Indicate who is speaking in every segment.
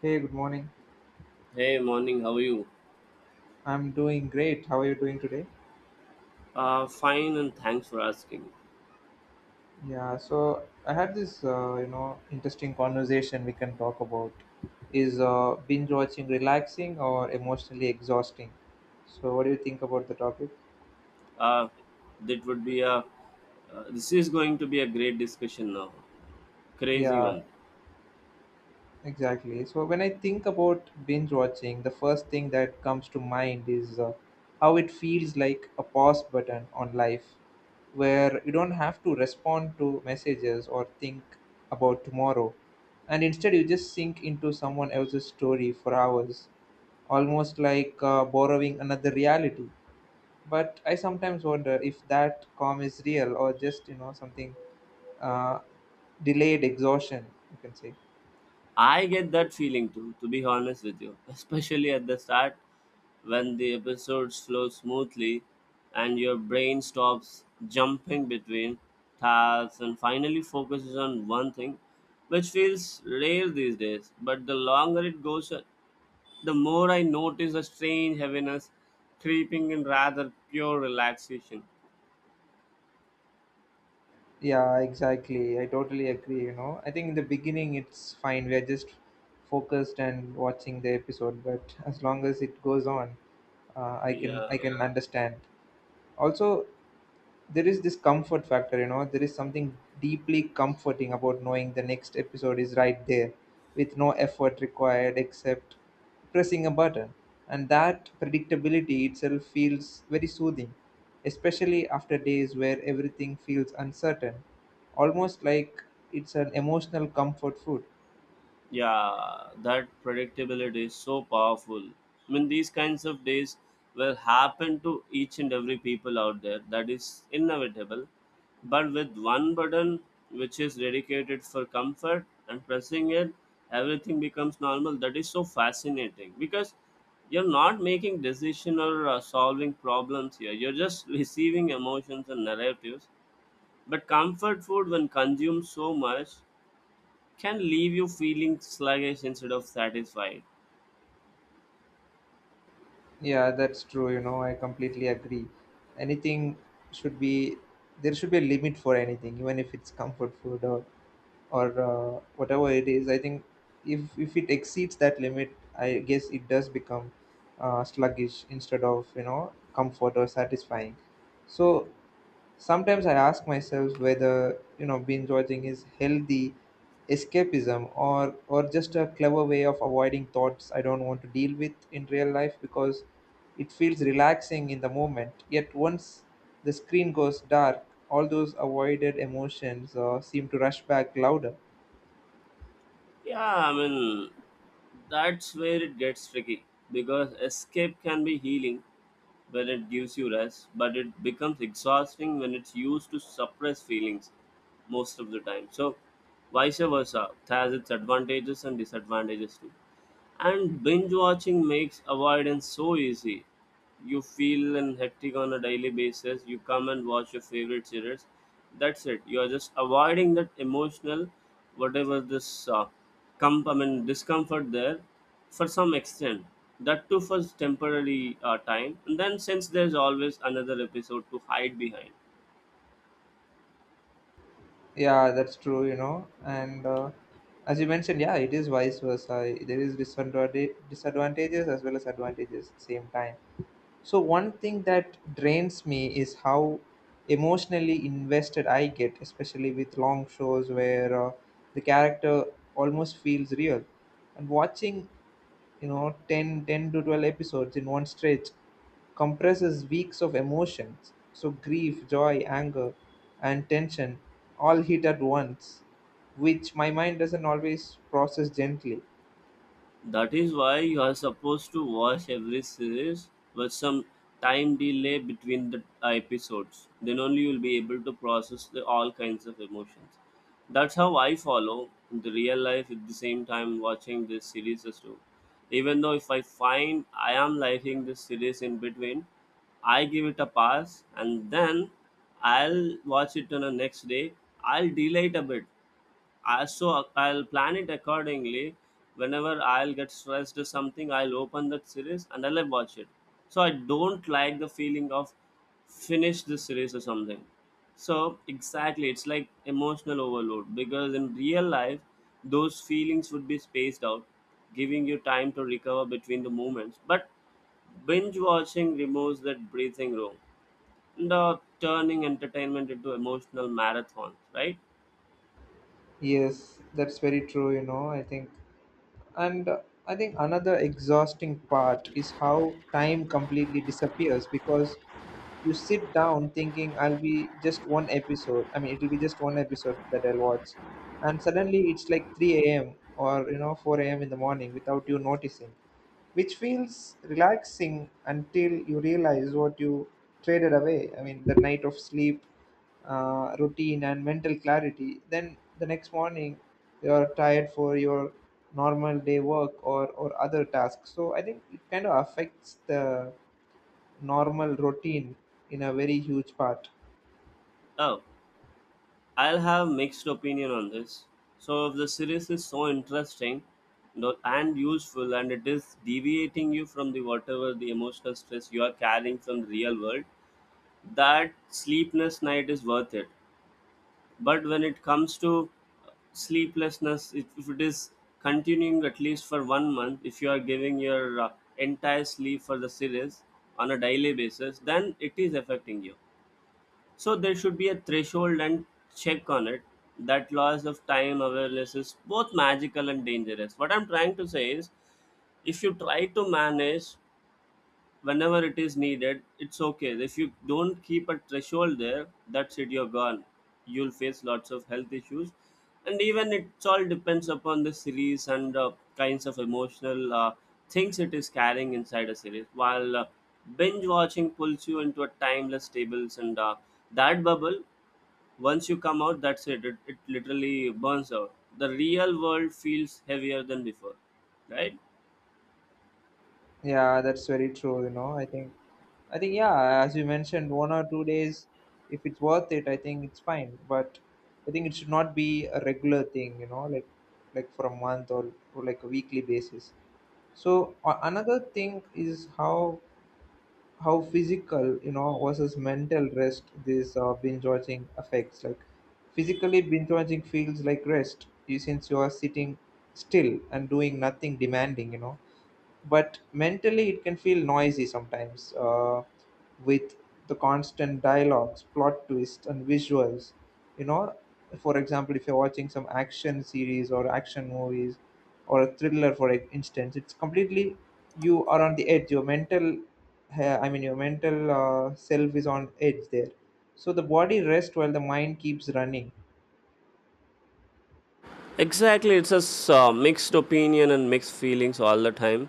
Speaker 1: Hey, good morning.
Speaker 2: Hey, morning. How are you?
Speaker 1: I'm doing great. How are you doing today?
Speaker 2: Fine, and thanks for asking.
Speaker 1: Yeah, so I had this, interesting conversation we can talk about. Is binge watching relaxing or emotionally exhausting? So, what do you think about the topic?
Speaker 2: Uh, that would be a. This is going to be a great discussion now. Crazy
Speaker 1: Yeah,
Speaker 2: one.
Speaker 1: exactly. So when I think about binge watching, the first thing that comes to mind is how it feels like a pause button on life, where you don't have to respond to messages or think about tomorrow. And instead, you just sink into someone else's story for hours, almost like borrowing another reality. But I sometimes wonder if that calm is real or just, something uh, delayed exhaustion, you can say.
Speaker 2: I get that feeling too. To be honest with you, especially at the start when the episodes flow smoothly, and your brain stops jumping between tasks and finally focuses on one thing, which feels rare these days. But the longer it goes, the more I notice a strange heaviness creeping in rather pure relaxation.
Speaker 1: Yeah, exactly. I totally agree, I think in the beginning it's fine. We're just focused and watching the episode, but as long as it goes on, I can I
Speaker 2: Yeah.
Speaker 1: can understand. Also, there is this comfort factor. There is something deeply comforting about knowing the next episode is right there, with no effort required except pressing a button, and that predictability itself feels very soothing, especially after days where everything feels uncertain, almost like it's an emotional comfort food.
Speaker 2: Yeah, that predictability is so powerful. I mean, these kinds of days will happen to each and every people out there. That is inevitable. But with one button, which is dedicated for comfort and pressing it, everything becomes normal. That is so fascinating because you're not making decision or solving problems here. You're just receiving emotions and narratives. But comfort food, when consumed so much, can leave you feeling sluggish instead of satisfied.
Speaker 1: Yeah, that's true, I completely agree. Anything should be, there should be a limit for anything, even if it's comfort food or whatever it is. I think if it exceeds that limit, I guess it does become sluggish instead of, comfort or satisfying. So sometimes I ask myself whether, binge watching is healthy escapism or just a clever way of avoiding thoughts I don't want to deal with in real life, because it feels relaxing in the moment, yet once the screen goes dark, all those avoided emotions seem to rush back louder.
Speaker 2: Yeah, I mean, that's where it gets tricky because escape can be healing when it gives you rest, but it becomes exhausting when it's used to suppress feelings most of the time. So, vice versa, it has its advantages and disadvantages too. And binge watching makes avoidance so easy. You feel and hectic on a daily basis. You come and watch your favorite series. That's it. You are just avoiding that emotional, whatever this I mean, discomfort there for some extent. That too for temporary time. And then since there's always another episode to hide behind.
Speaker 1: Yeah, that's true, and as you mentioned, yeah, it is vice versa. There is disadvantages as well as advantages at the same time. So one thing that drains me is how emotionally invested I get, especially with long shows where the character almost feels real. And watching, 10 to 12 episodes in one stretch compresses weeks of emotions. So grief, joy, anger, and tension all hit at once, which my mind doesn't always process gently.
Speaker 2: That is why you are supposed to watch every series with some time delay between the episodes. Then only you will be able to process the all kinds of emotions. That's how I follow the real life at the same time watching this series as well. Even though if I find I am liking this series in between, I give it a pass and then I'll watch it on the next day. I'll delay it a bit. So I'll plan it accordingly. Whenever I'll get stressed or something, I'll open that series and I'll watch it. So I don't like the feeling of finish the series or something. So exactly, it's like emotional overload because in real life, those feelings would be spaced out, giving you time to recover between the moments. But binge watching removes that breathing room and turning entertainment into emotional marathons, right?
Speaker 1: Yes, that's very true, I think. And I think another exhausting part is how time completely disappears, because you sit down thinking, I'll be just one episode. I mean, it'll be just one episode that I'll watch, and suddenly it's like 3 a.m. or 4 a.m. in the morning without you noticing, which feels relaxing until you realize what you traded away. I mean, the night of sleep, routine, and mental clarity. Then the next morning, you're tired for your normal day work or other tasks. So I think it kind of affects the normal routine in a very huge part.
Speaker 2: Oh, I'll have mixed opinion on this. So if the series is so interesting and useful and it is deviating you from the whatever the emotional stress you are carrying from the real world, that sleepless night is worth it. But when it comes to sleeplessness, if it is continuing at least for 1 month, if you are giving your entire sleep for the series on a daily basis, then it is affecting you. So there should be a threshold and check on it. That loss of time awareness is both magical and dangerous. What I'm trying to say is, if you try to manage whenever it is needed, it's okay. If you don't keep a threshold there, that's it, you're gone. You'll face lots of health issues, and even it's all depends upon the series and kinds of emotional things it is carrying inside a series. While binge watching pulls you into a timeless tables and that bubble, once you come out, that's it. It literally burns out. The real world feels heavier than before, right?
Speaker 1: Yeah, that's very true, I think. Yeah, as you mentioned, 1 or 2 days, if it's worth it, I think it's fine. But I think it should not be a regular thing, like for a month, or like a weekly basis. So another thing is how physical, versus mental rest, this binge watching affects. Like, physically binge watching feels like rest, since you are sitting still and doing nothing demanding, but mentally it can feel noisy sometimes, with the constant dialogues, plot twists, and visuals, you know for example. If you're watching some action series or action movies or a thriller, for instance, it's completely, you are on the edge. Your mental I mean, your mental self is on edge there. So the body rests while the mind keeps running.
Speaker 2: Exactly, it's a mixed opinion and mixed feelings all the time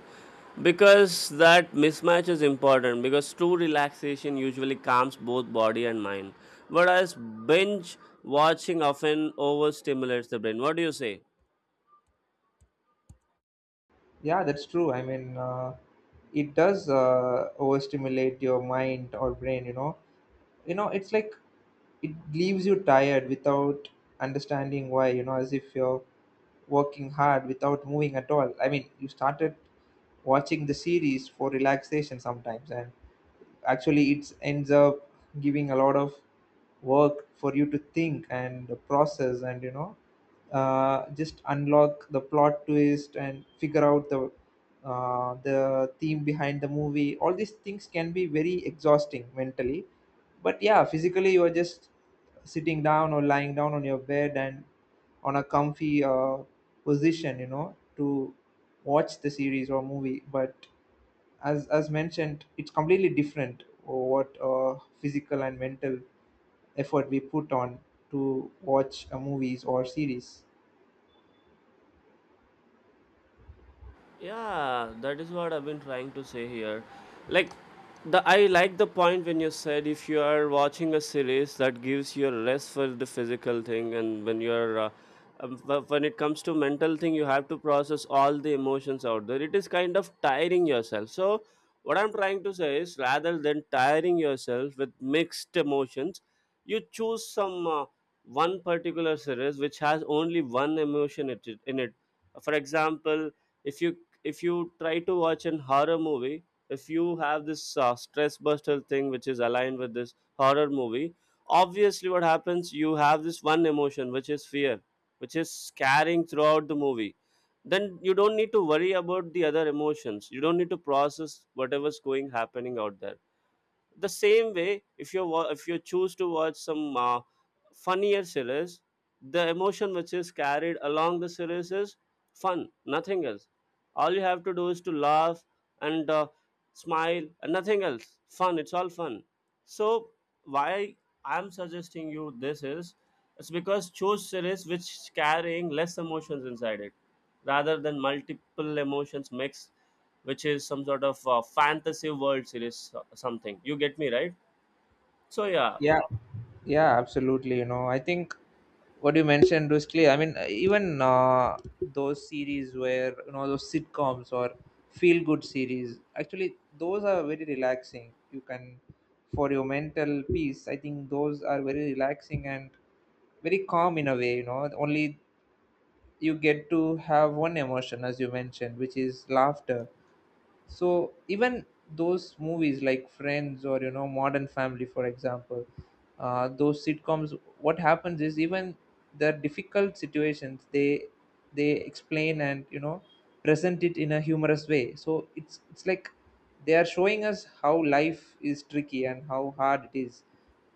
Speaker 2: because that mismatch is important, because true relaxation usually calms both body and mind, whereas binge watching often overstimulates the brain. What do you say?
Speaker 1: Yeah, that's true, I mean, it does overstimulate your mind or brain, it's like it leaves you tired without understanding why, as if you're working hard without moving at all. I mean, you started watching the series for relaxation sometimes, and actually it ends up giving a lot of work for you to think and process, and just unlock the plot twist and figure out the theme behind the movie. All these things can be very exhausting mentally, but yeah, physically you are just sitting down or lying down on your bed, and on a comfy position, to watch the series or movie. But as mentioned, it's completely different what physical and mental effort we put on to watch a movies or series.
Speaker 2: Yeah, that is what I've been trying to say here. Like, the I like the point when you said, if you are watching a series that gives you a rest for the physical thing, and when you're when it comes to mental thing, you have to process all the emotions out there. It is kind of tiring yourself. So what I'm trying to say is, rather than tiring yourself with mixed emotions, you choose some one particular series which has only one emotion in it. For example, if you if you try to watch an horror movie, if you have this stress buster thing which is aligned with this horror movie, obviously what happens, you have this one emotion which is fear, which is scaring throughout the movie. Then you don't need to worry about the other emotions. You don't need to process whatever's going happening out there. The same way, if you if you choose to watch some funnier series, the emotion which is carried along the series is fun, nothing else. All you have to do is to laugh and smile and nothing else. Fun, it's all fun. So why I'm suggesting you this is, it's because choose series which carrying less emotions inside it rather than multiple emotions mixed, which is some sort of fantasy world series, something. You get me right? So yeah.
Speaker 1: Yeah, yeah, absolutely, I think. What you mentioned brusquely, I mean, even those series where, those sitcoms or feel good series, actually those are very relaxing. You can, for your mental peace, I think those are very relaxing and very calm in a way, only you get to have one emotion, as you mentioned, which is laughter. So even those movies like friends or, modern family, for example, those sitcoms, what happens is, even the difficult situations, they explain and, present it in a humorous way. So it's like they are showing us how life is tricky and how hard it is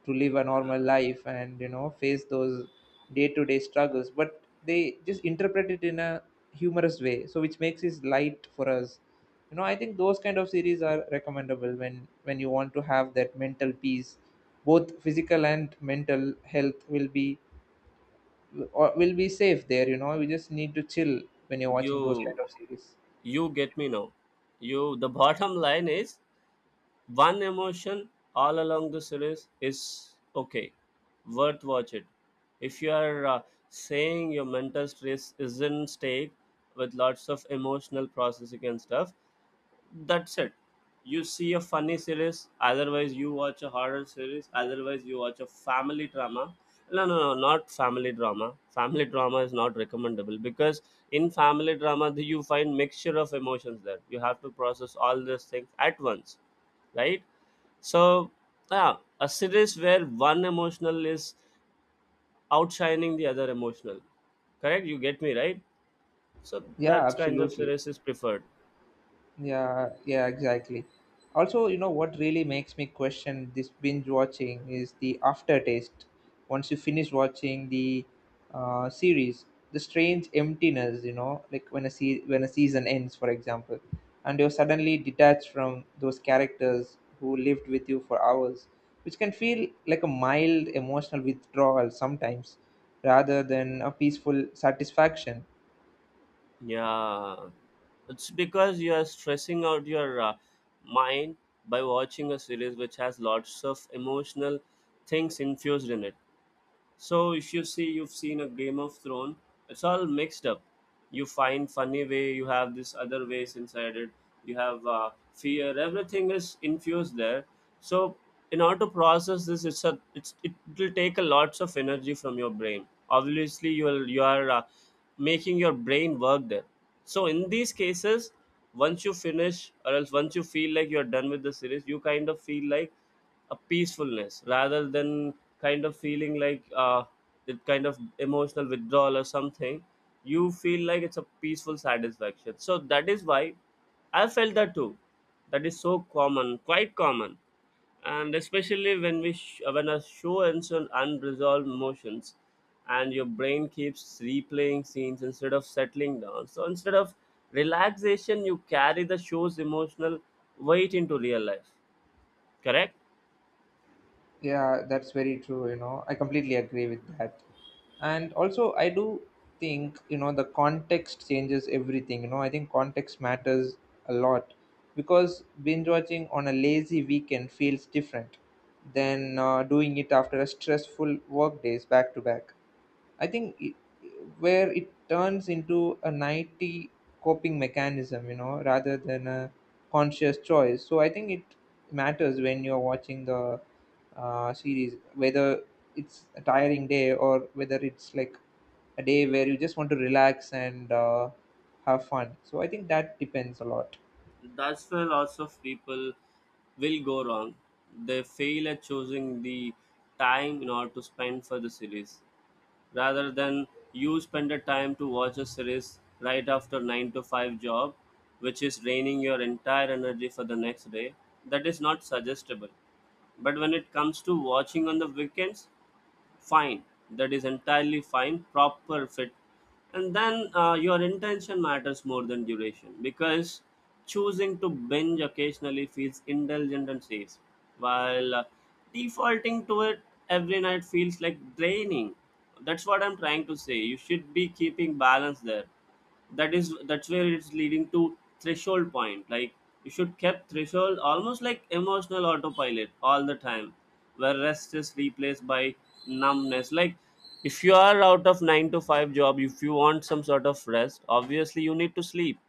Speaker 1: to live a normal life and, face those day-to-day struggles. But they just interpret it in a humorous way, so which makes it light for us, I think those kind of series are recommendable when you want to have that mental peace. Both physical and mental health will be, or will be safe there, you just need to chill when you're watching those
Speaker 2: you
Speaker 1: kind of series.
Speaker 2: you get me now. You The bottom line is, one emotion all along the series is okay, worth watch it. If you are saying your mental stress is in stake with lots of emotional processing and stuff, that's it. You see a funny series, otherwise you watch a horror series, otherwise you watch a family drama. No, no, no, not family drama. Family drama is not recommendable because in family drama, you find mixture of emotions there, you have to process all these things at once, right? So yeah, a series where one emotional is outshining the other emotional, correct? You get me right? So
Speaker 1: Yeah,
Speaker 2: that kind of
Speaker 1: absolutely.
Speaker 2: series is preferred.
Speaker 1: Yeah, yeah, exactly. Also, you know what really makes me question this binge watching is the aftertaste. Once you finish watching the series, the strange emptiness, like when a when a season ends, for example, and you're suddenly detached from those characters who lived with you for hours, which can feel like a mild emotional withdrawal sometimes, rather than a peaceful satisfaction.
Speaker 2: Yeah, it's because you are stressing out your mind by watching a series which has lots of emotional things infused in it. So if you see, you've seen a Game of Thrones, it's all mixed up. You find funny way, you have this other ways inside it. You have fear. Everything is infused there. So in order to process this, it will take a lots of energy from your brain. Obviously, you are making your brain work there. So in these cases, once you finish, or else once you feel like you're done with the series, you kind of feel like a peacefulness rather than kind of feeling like that kind of emotional withdrawal or something. You feel like it's a peaceful satisfaction. So that is why I felt that too. That is so common, quite common. And especially when a show ends on unresolved emotions and your brain keeps replaying scenes instead of settling down, so instead of relaxation you carry the show's emotional weight into real life, correct?
Speaker 1: Yeah, that's very true. I completely agree with that. And also, I do think, the context changes everything. I think context matters a lot, because binge watching on a lazy weekend feels different than doing it after a stressful work days, back to back. I think it, where it turns into a nighty coping mechanism, rather than a conscious choice. So I think it matters when you're watching the series, whether it's a tiring day or whether it's like a day where you just want to relax and have fun. So I think that depends a lot.
Speaker 2: That's where lots of people will go wrong. They fail at choosing the time in order to spend for the series. Rather than you spend the time to watch a series right after 9 to 5 job, which is draining your entire energy for the next day, that is not suggestible. But when it comes to watching on the weekends, fine, that is entirely fine, proper fit. And then your intention matters more than duration, because choosing to binge occasionally feels indulgent and safe, while defaulting to it every night feels like draining. That's what I'm trying to say. You should be keeping balance there. That is, that's where it's leading to threshold point. Like, you should keep threshold almost like emotional autopilot all the time, where rest is replaced by numbness. Like, if you are out of 9 to 5 job, if you want some sort of rest, obviously you need to sleep,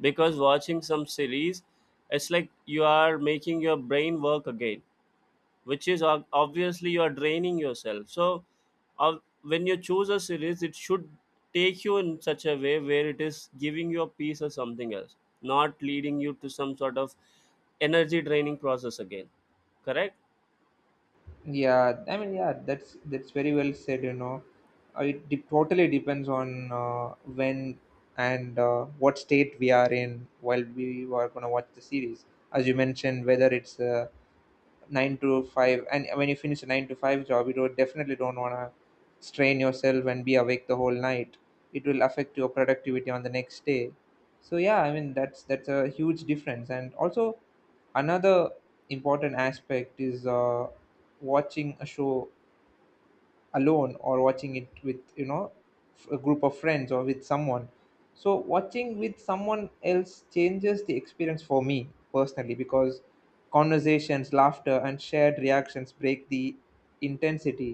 Speaker 2: because watching some series, it's like you are making your brain work again, which is obviously you are draining yourself. So uh, when you choose a series, it should take you in such a way where it is giving you a piece or something else, not leading you to some sort of energy draining process again, correct?
Speaker 1: Yeah, I mean, yeah, that's very well said. It totally depends on when and what state we are in while we are gonna watch the series. As you mentioned, whether it's 9 to 5, and when you finish a 9 to 5 job, you don't, definitely don't want to strain yourself and be awake the whole night. It will affect your productivity on the next day. So yeah, I mean, that's a huge difference. And also, another important aspect is watching a show alone or watching it with, a group of friends or with someone. So watching with someone else changes the experience for me personally, because conversations, laughter, and shared reactions break the intensity,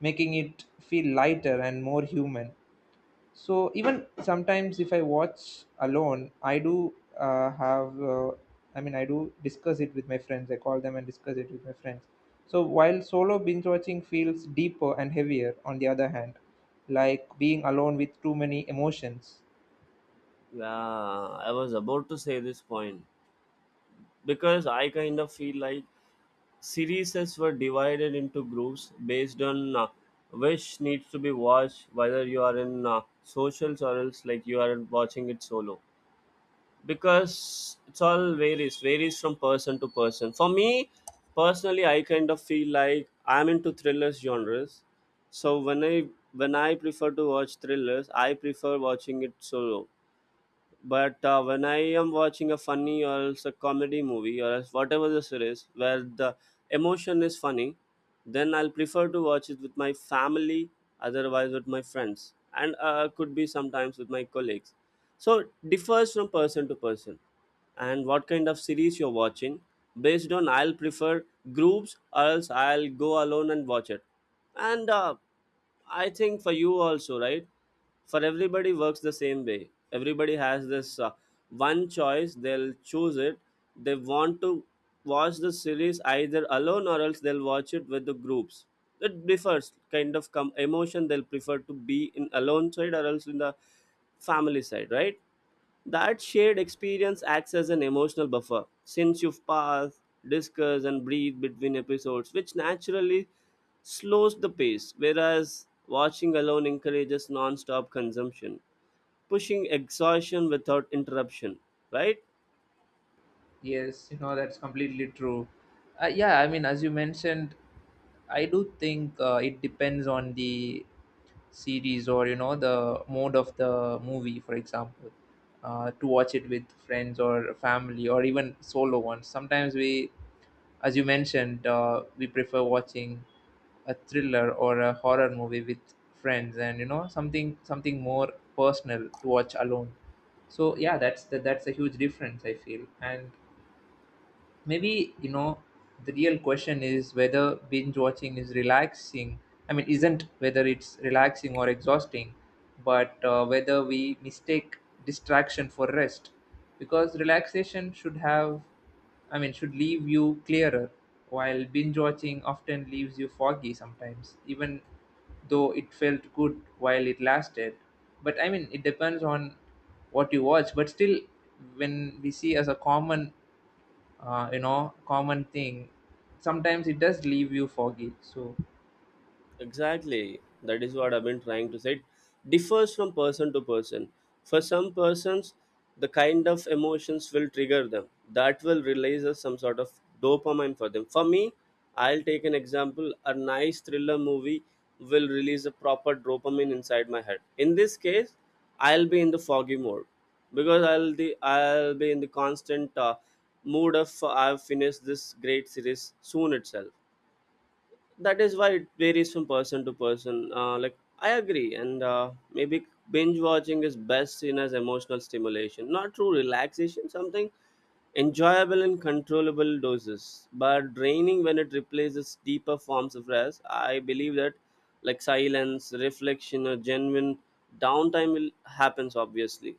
Speaker 1: making it feel lighter and more human. So even sometimes, if I watch alone, I do have I mean, I do discuss it with my friends. I call them and discuss it with my friends. So while solo binge watching feels deeper and heavier, on the other hand, like being alone with too many emotions.
Speaker 2: Yeah, I was about to say this point, because I kind of feel like series were divided into groups based on which needs to be watched, whether you are in socials or else like you are watching it solo, because it's all varies from person to person. For me personally, I kind of feel like I'm into thrillers genres. So when I prefer to watch thrillers, I prefer watching it solo. But when I am watching a funny or else a comedy movie or else whatever the series where the emotion is funny, then I'll prefer to watch it with my family, otherwise with my friends, and could be sometimes with my colleagues. So it differs From person to person, and what kind of series you're watching based on, I'll prefer groups or else I'll go alone and watch it. And I think for you also, right? For everybody works the same way. Everybody has this one choice they'll choose it. They want to watch the series either alone or else they'll watch it with the groups. It differs kind of emotion they'll prefer to be in alone side or else in the family side, right? That shared experience acts as an emotional buffer since you've paused, discussed, and breathed between episodes, which naturally slows the pace, whereas watching alone encourages non stop consumption, pushing exhaustion without interruption, right?
Speaker 1: Yes, that's completely true. Yeah, I mean, as you mentioned, I do think it depends on the series or, the mode of the movie, for example, to watch it with friends or family or even solo ones. Sometimes we, as you mentioned, we prefer watching a thriller or a horror movie with friends and, you know, something more personal to watch alone. So yeah, that's a huge difference I feel. And maybe, you know, the real question is whether binge watching is relaxing. I mean, isn't whether it's relaxing or exhausting, but whether we mistake distraction for rest, because relaxation should have, I mean, should leave you clearer, while binge watching often leaves you foggy sometimes, even though it felt good while it lasted. But I mean, it depends on what you watch, but still, when we see as a common you know, common thing, sometimes it does leave you foggy. So
Speaker 2: Exactly. That is what I've been trying to say. It differs from person to person. For some persons, the kind of emotions will trigger them. That will release us some sort of dopamine for them. For me, I'll take an example. A nice thriller movie will release a proper dopamine inside my head. In this case, I'll be in the foggy mode because I'll be in the constant mood of I've finished this great series soon itself. That is why it varies from person to person, like I agree. And Maybe binge watching is best seen as emotional stimulation, not true relaxation, something enjoyable in controllable doses but draining when it replaces deeper forms of rest. I believe that like silence, reflection, or genuine downtime will happens obviously.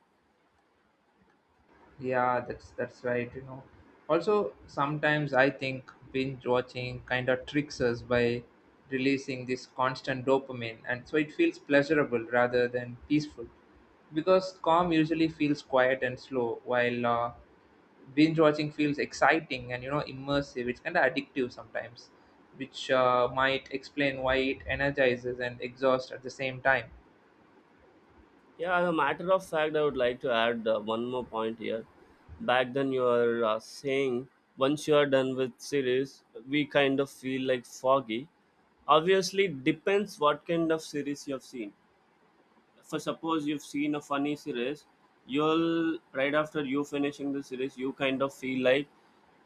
Speaker 1: yeah, that's right, you know. Also, sometimes I think binge watching kind of tricks us by releasing this constant dopamine, and so it feels pleasurable rather than peaceful, because calm usually feels quiet and slow, while binge watching feels exciting and, you know, immersive. It's kind of addictive sometimes, which might explain why it energizes and exhausts at the same time.
Speaker 2: Yeah, as a matter of fact, I would like to add one more point here. Back then, you are saying once you are done with series, we kind of feel like foggy. Obviously, depends what kind of series you have seen. For suppose you've seen a funny series, you'll right after you finishing the series, you kind of feel like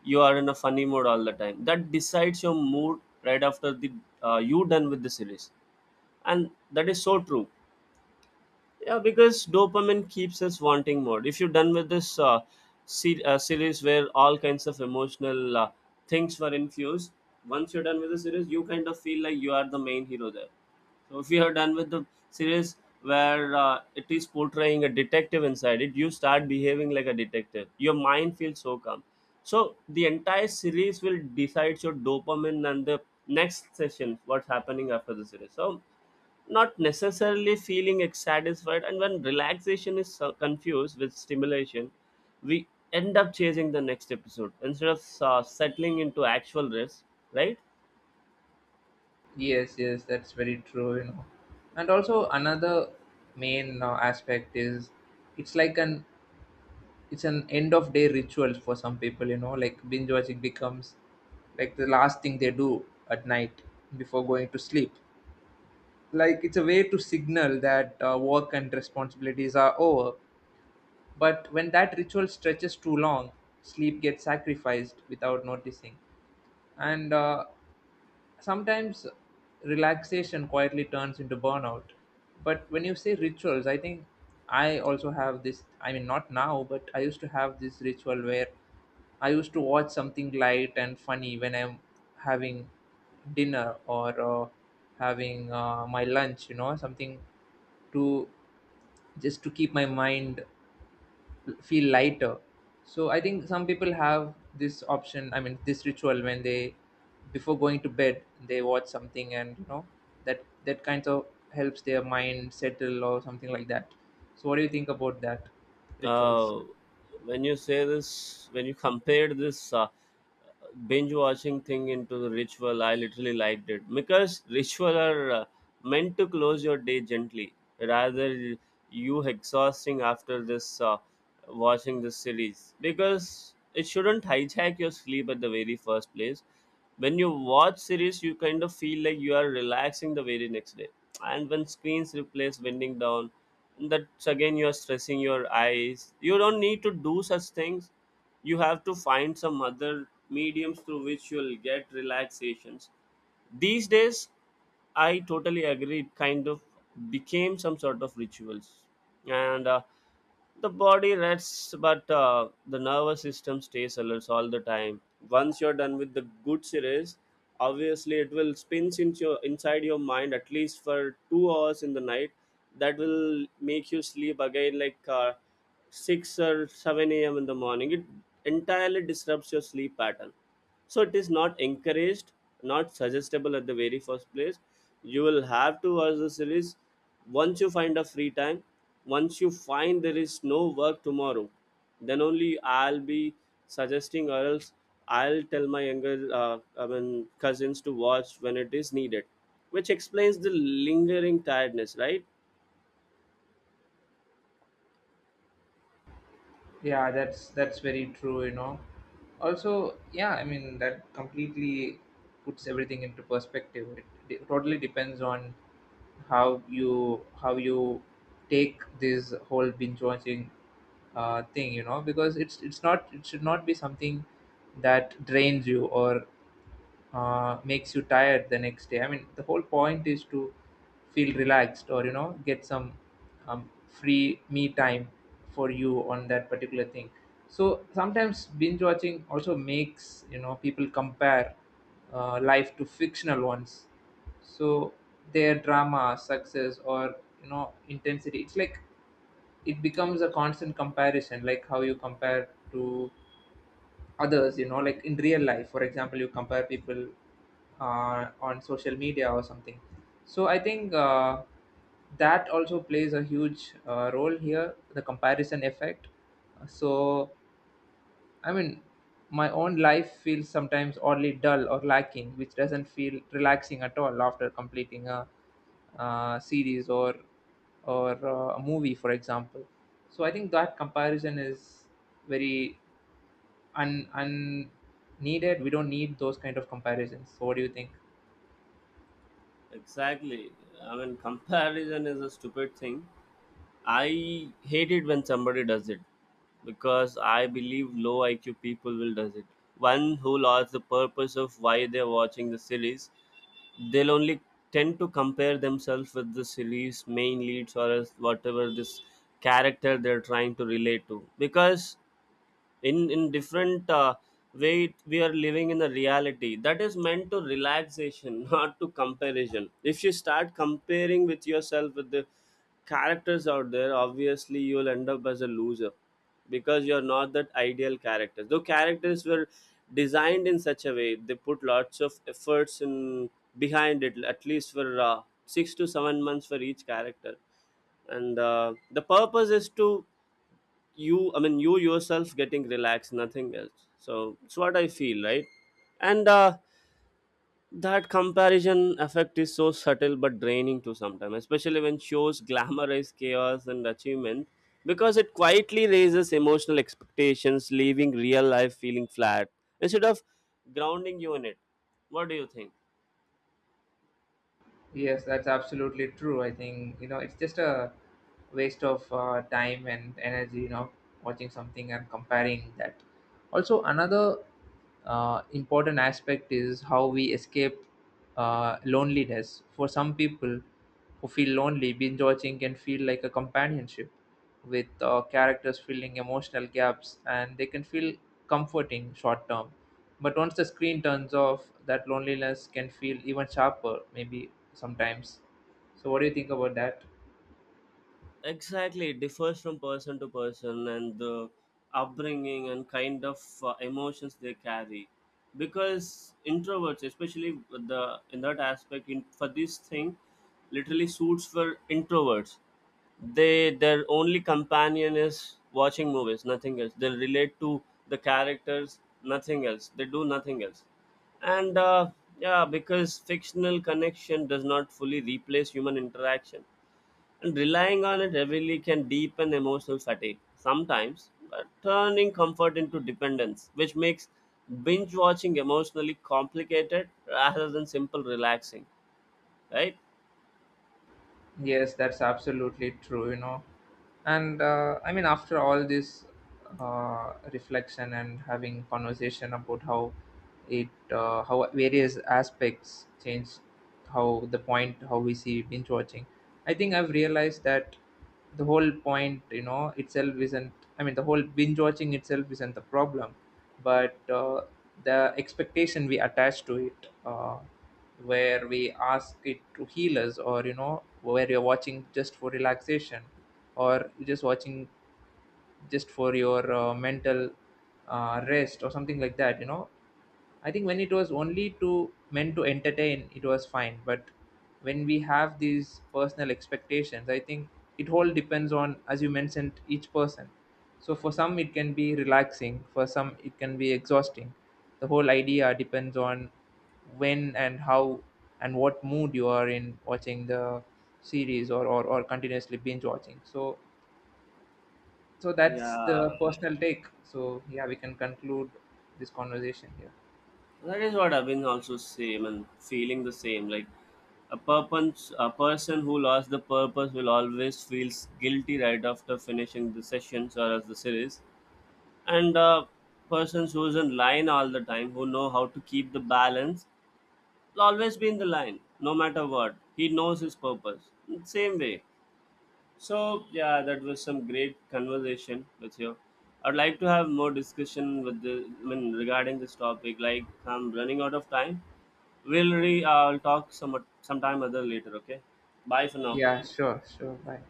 Speaker 2: you are in a funny mood all the time. That decides your mood right after the you done with the series, and that is so true. Yeah, because dopamine keeps us wanting more. If you're done with this series where all kinds of emotional things were infused, once you're done with the series, you kind of feel like you are the main hero there. So if you are done with the series where it is portraying a detective inside it, you start behaving like a detective. Your mind feels so calm. So the entire series will decide your dopamine and the next session, what's happening after the series. So not necessarily feeling satisfied, and when relaxation is confused with stimulation, we end up chasing the next episode instead of settling into actual rest, right?
Speaker 1: Yes, yes, that's very true, you know. And also another main aspect is, it's like an, it's an end of day ritual for some people, you know, like binge watching becomes like the last thing they do at night before going to sleep. Like it's a way to signal that work and responsibilities are over. But when that ritual stretches too long, sleep gets sacrificed without noticing. And sometimes relaxation quietly turns into burnout. But when you say rituals, I think I also have this. I mean, not now, but I used to have this ritual where I used to watch something light and funny when I'm having dinner or having my lunch, you know, something to, just to keep my mind feel lighter. So I think some people have this option. I mean, this ritual when they, before going to bed, they watch something, and you know that that kind of helps their mind settle or something like that. So what do you think about that rituals?
Speaker 2: uh, when you say this, when you compared this binge watching thing into the ritual, I literally liked it because ritual are meant to close your day gently rather you exhausting after this watching this series, because it shouldn't hijack your sleep at the very first place. When you watch series, you kind of feel like you are relaxing the very next day. And when screens replace winding down, that's again you are stressing your eyes. You don't need to do such things. You have to find some other mediums through which you'll get relaxations. These days, I totally agree. It kind of became some sort of rituals, and the body rests but the nervous system stays alert all the time. Once you're done with the good series, obviously it will spins into your, inside your mind at least for 2 hours in the night. That will make you sleep again like 6 or 7 a.m. in the morning. It entirely disrupts your sleep pattern. So it is not encouraged, not suggestible at the very first place. You will have to watch the series once you find a free time. Once you find there is no work tomorrow, then only I'll be suggesting, or else I'll tell my younger, I mean, cousins to watch when it is needed, which explains the lingering tiredness, right?
Speaker 1: Yeah, that's very true, you know. Also, yeah, I mean that completely puts everything into perspective. It totally depends on how you take this whole binge watching thing, you know, because it's not, it should not be something that drains you or makes you tired the next day. I mean, the whole point is to feel relaxed, or you know, get some free me time for you on that particular thing. So sometimes binge watching also makes, you know, people compare life to fictional ones. So their drama, success, or you know, intensity. It's like it becomes a constant comparison, like how you compare to others, you know, like in real life, for example, you compare people on social media or something. So I think that also plays a huge role here, the comparison effect. So I mean, my own life feels sometimes oddly dull or lacking, which doesn't feel relaxing at all after completing a, series, or a movie for example. So I think that comparison is very un, unneeded. We don't need those kind of comparisons. So what do you think?
Speaker 2: Exactly. I mean, comparison is a stupid thing. I hate it when somebody does it because I believe low IQ people will does it. One who lost the purpose of why they're watching the series, they'll only tend to compare themselves with the series main leads or else whatever this character they're trying to relate to. Because in different way, we are living in a reality that is meant to relaxation not to comparison. If you start comparing with yourself with the characters out there, obviously you'll end up as a loser because you're not that ideal character, though characters were designed in such a way they put lots of efforts in behind it at least for 6 to 7 months for each character. And The purpose is to you, I mean, you yourself getting relaxed, nothing else. So it's what I feel, right? and That comparison effect is so subtle but draining to sometimes, especially when shows glamorize chaos and achievement, because it quietly raises emotional expectations, leaving real life feeling flat instead of grounding you in it. What do you think?
Speaker 1: Yes, that's absolutely true. I think, you know, it's just a waste of time and energy, you know, watching something and comparing that. Also, another important aspect is how we escape loneliness. For some people who feel lonely, binge watching can feel like a companionship with characters filling emotional gaps, and they can feel comforting short term. But once the screen turns off, that loneliness can feel even sharper, maybe sometimes. So what do you think about that?
Speaker 2: Exactly. It differs from person to person and the upbringing and kind of emotions they carry. Because introverts especially with the in that aspect in, for this thing literally suits for introverts. They their only companion is watching movies, nothing else. They relate to the characters, nothing else they do, nothing else. And Yeah, because fictional connection does not fully replace human interaction, and relying on it heavily can deepen emotional fatigue sometimes, but turning comfort into dependence, which makes binge watching emotionally complicated rather than simple relaxing, right?
Speaker 1: Yes, that's absolutely true, you know. And I mean, after all this reflection and having conversation about how how various aspects change, how we see binge watching, I think I've realized that the whole point, you know, itself isn't. I mean, the whole binge watching itself isn't the problem, but the expectation we attach to it. Where we ask it to heal us, or you know, where you're watching just for relaxation, or you're just watching just for your mental rest or something like that, you know. I think when it was only to meant to entertain, it was fine. But when we have these personal expectations, I think it all depends on, as you mentioned, each person. So for some, it can be relaxing. For some, it can be exhausting. The whole idea depends on when and how and what mood you are in watching the series, or continuously binge watching. So that's the
Speaker 2: Yeah,
Speaker 1: personal take. So yeah, we can conclude this conversation here.
Speaker 2: that is what I've been also same and feeling the same. Like a purpose, a person who lost the purpose will always feels guilty right after finishing the sessions or as the series, and persons who's in line all the time, who know how to keep the balance, will always be in the line no matter what. He knows his purpose same way. So yeah, that was some great conversation with you. I'd like to have more discussion with the, I mean, regarding this topic. Like, I'm running out of time. We'll re I'll talk some sometime other later, okay? Bye for now.
Speaker 1: Yeah, sure, sure. Bye.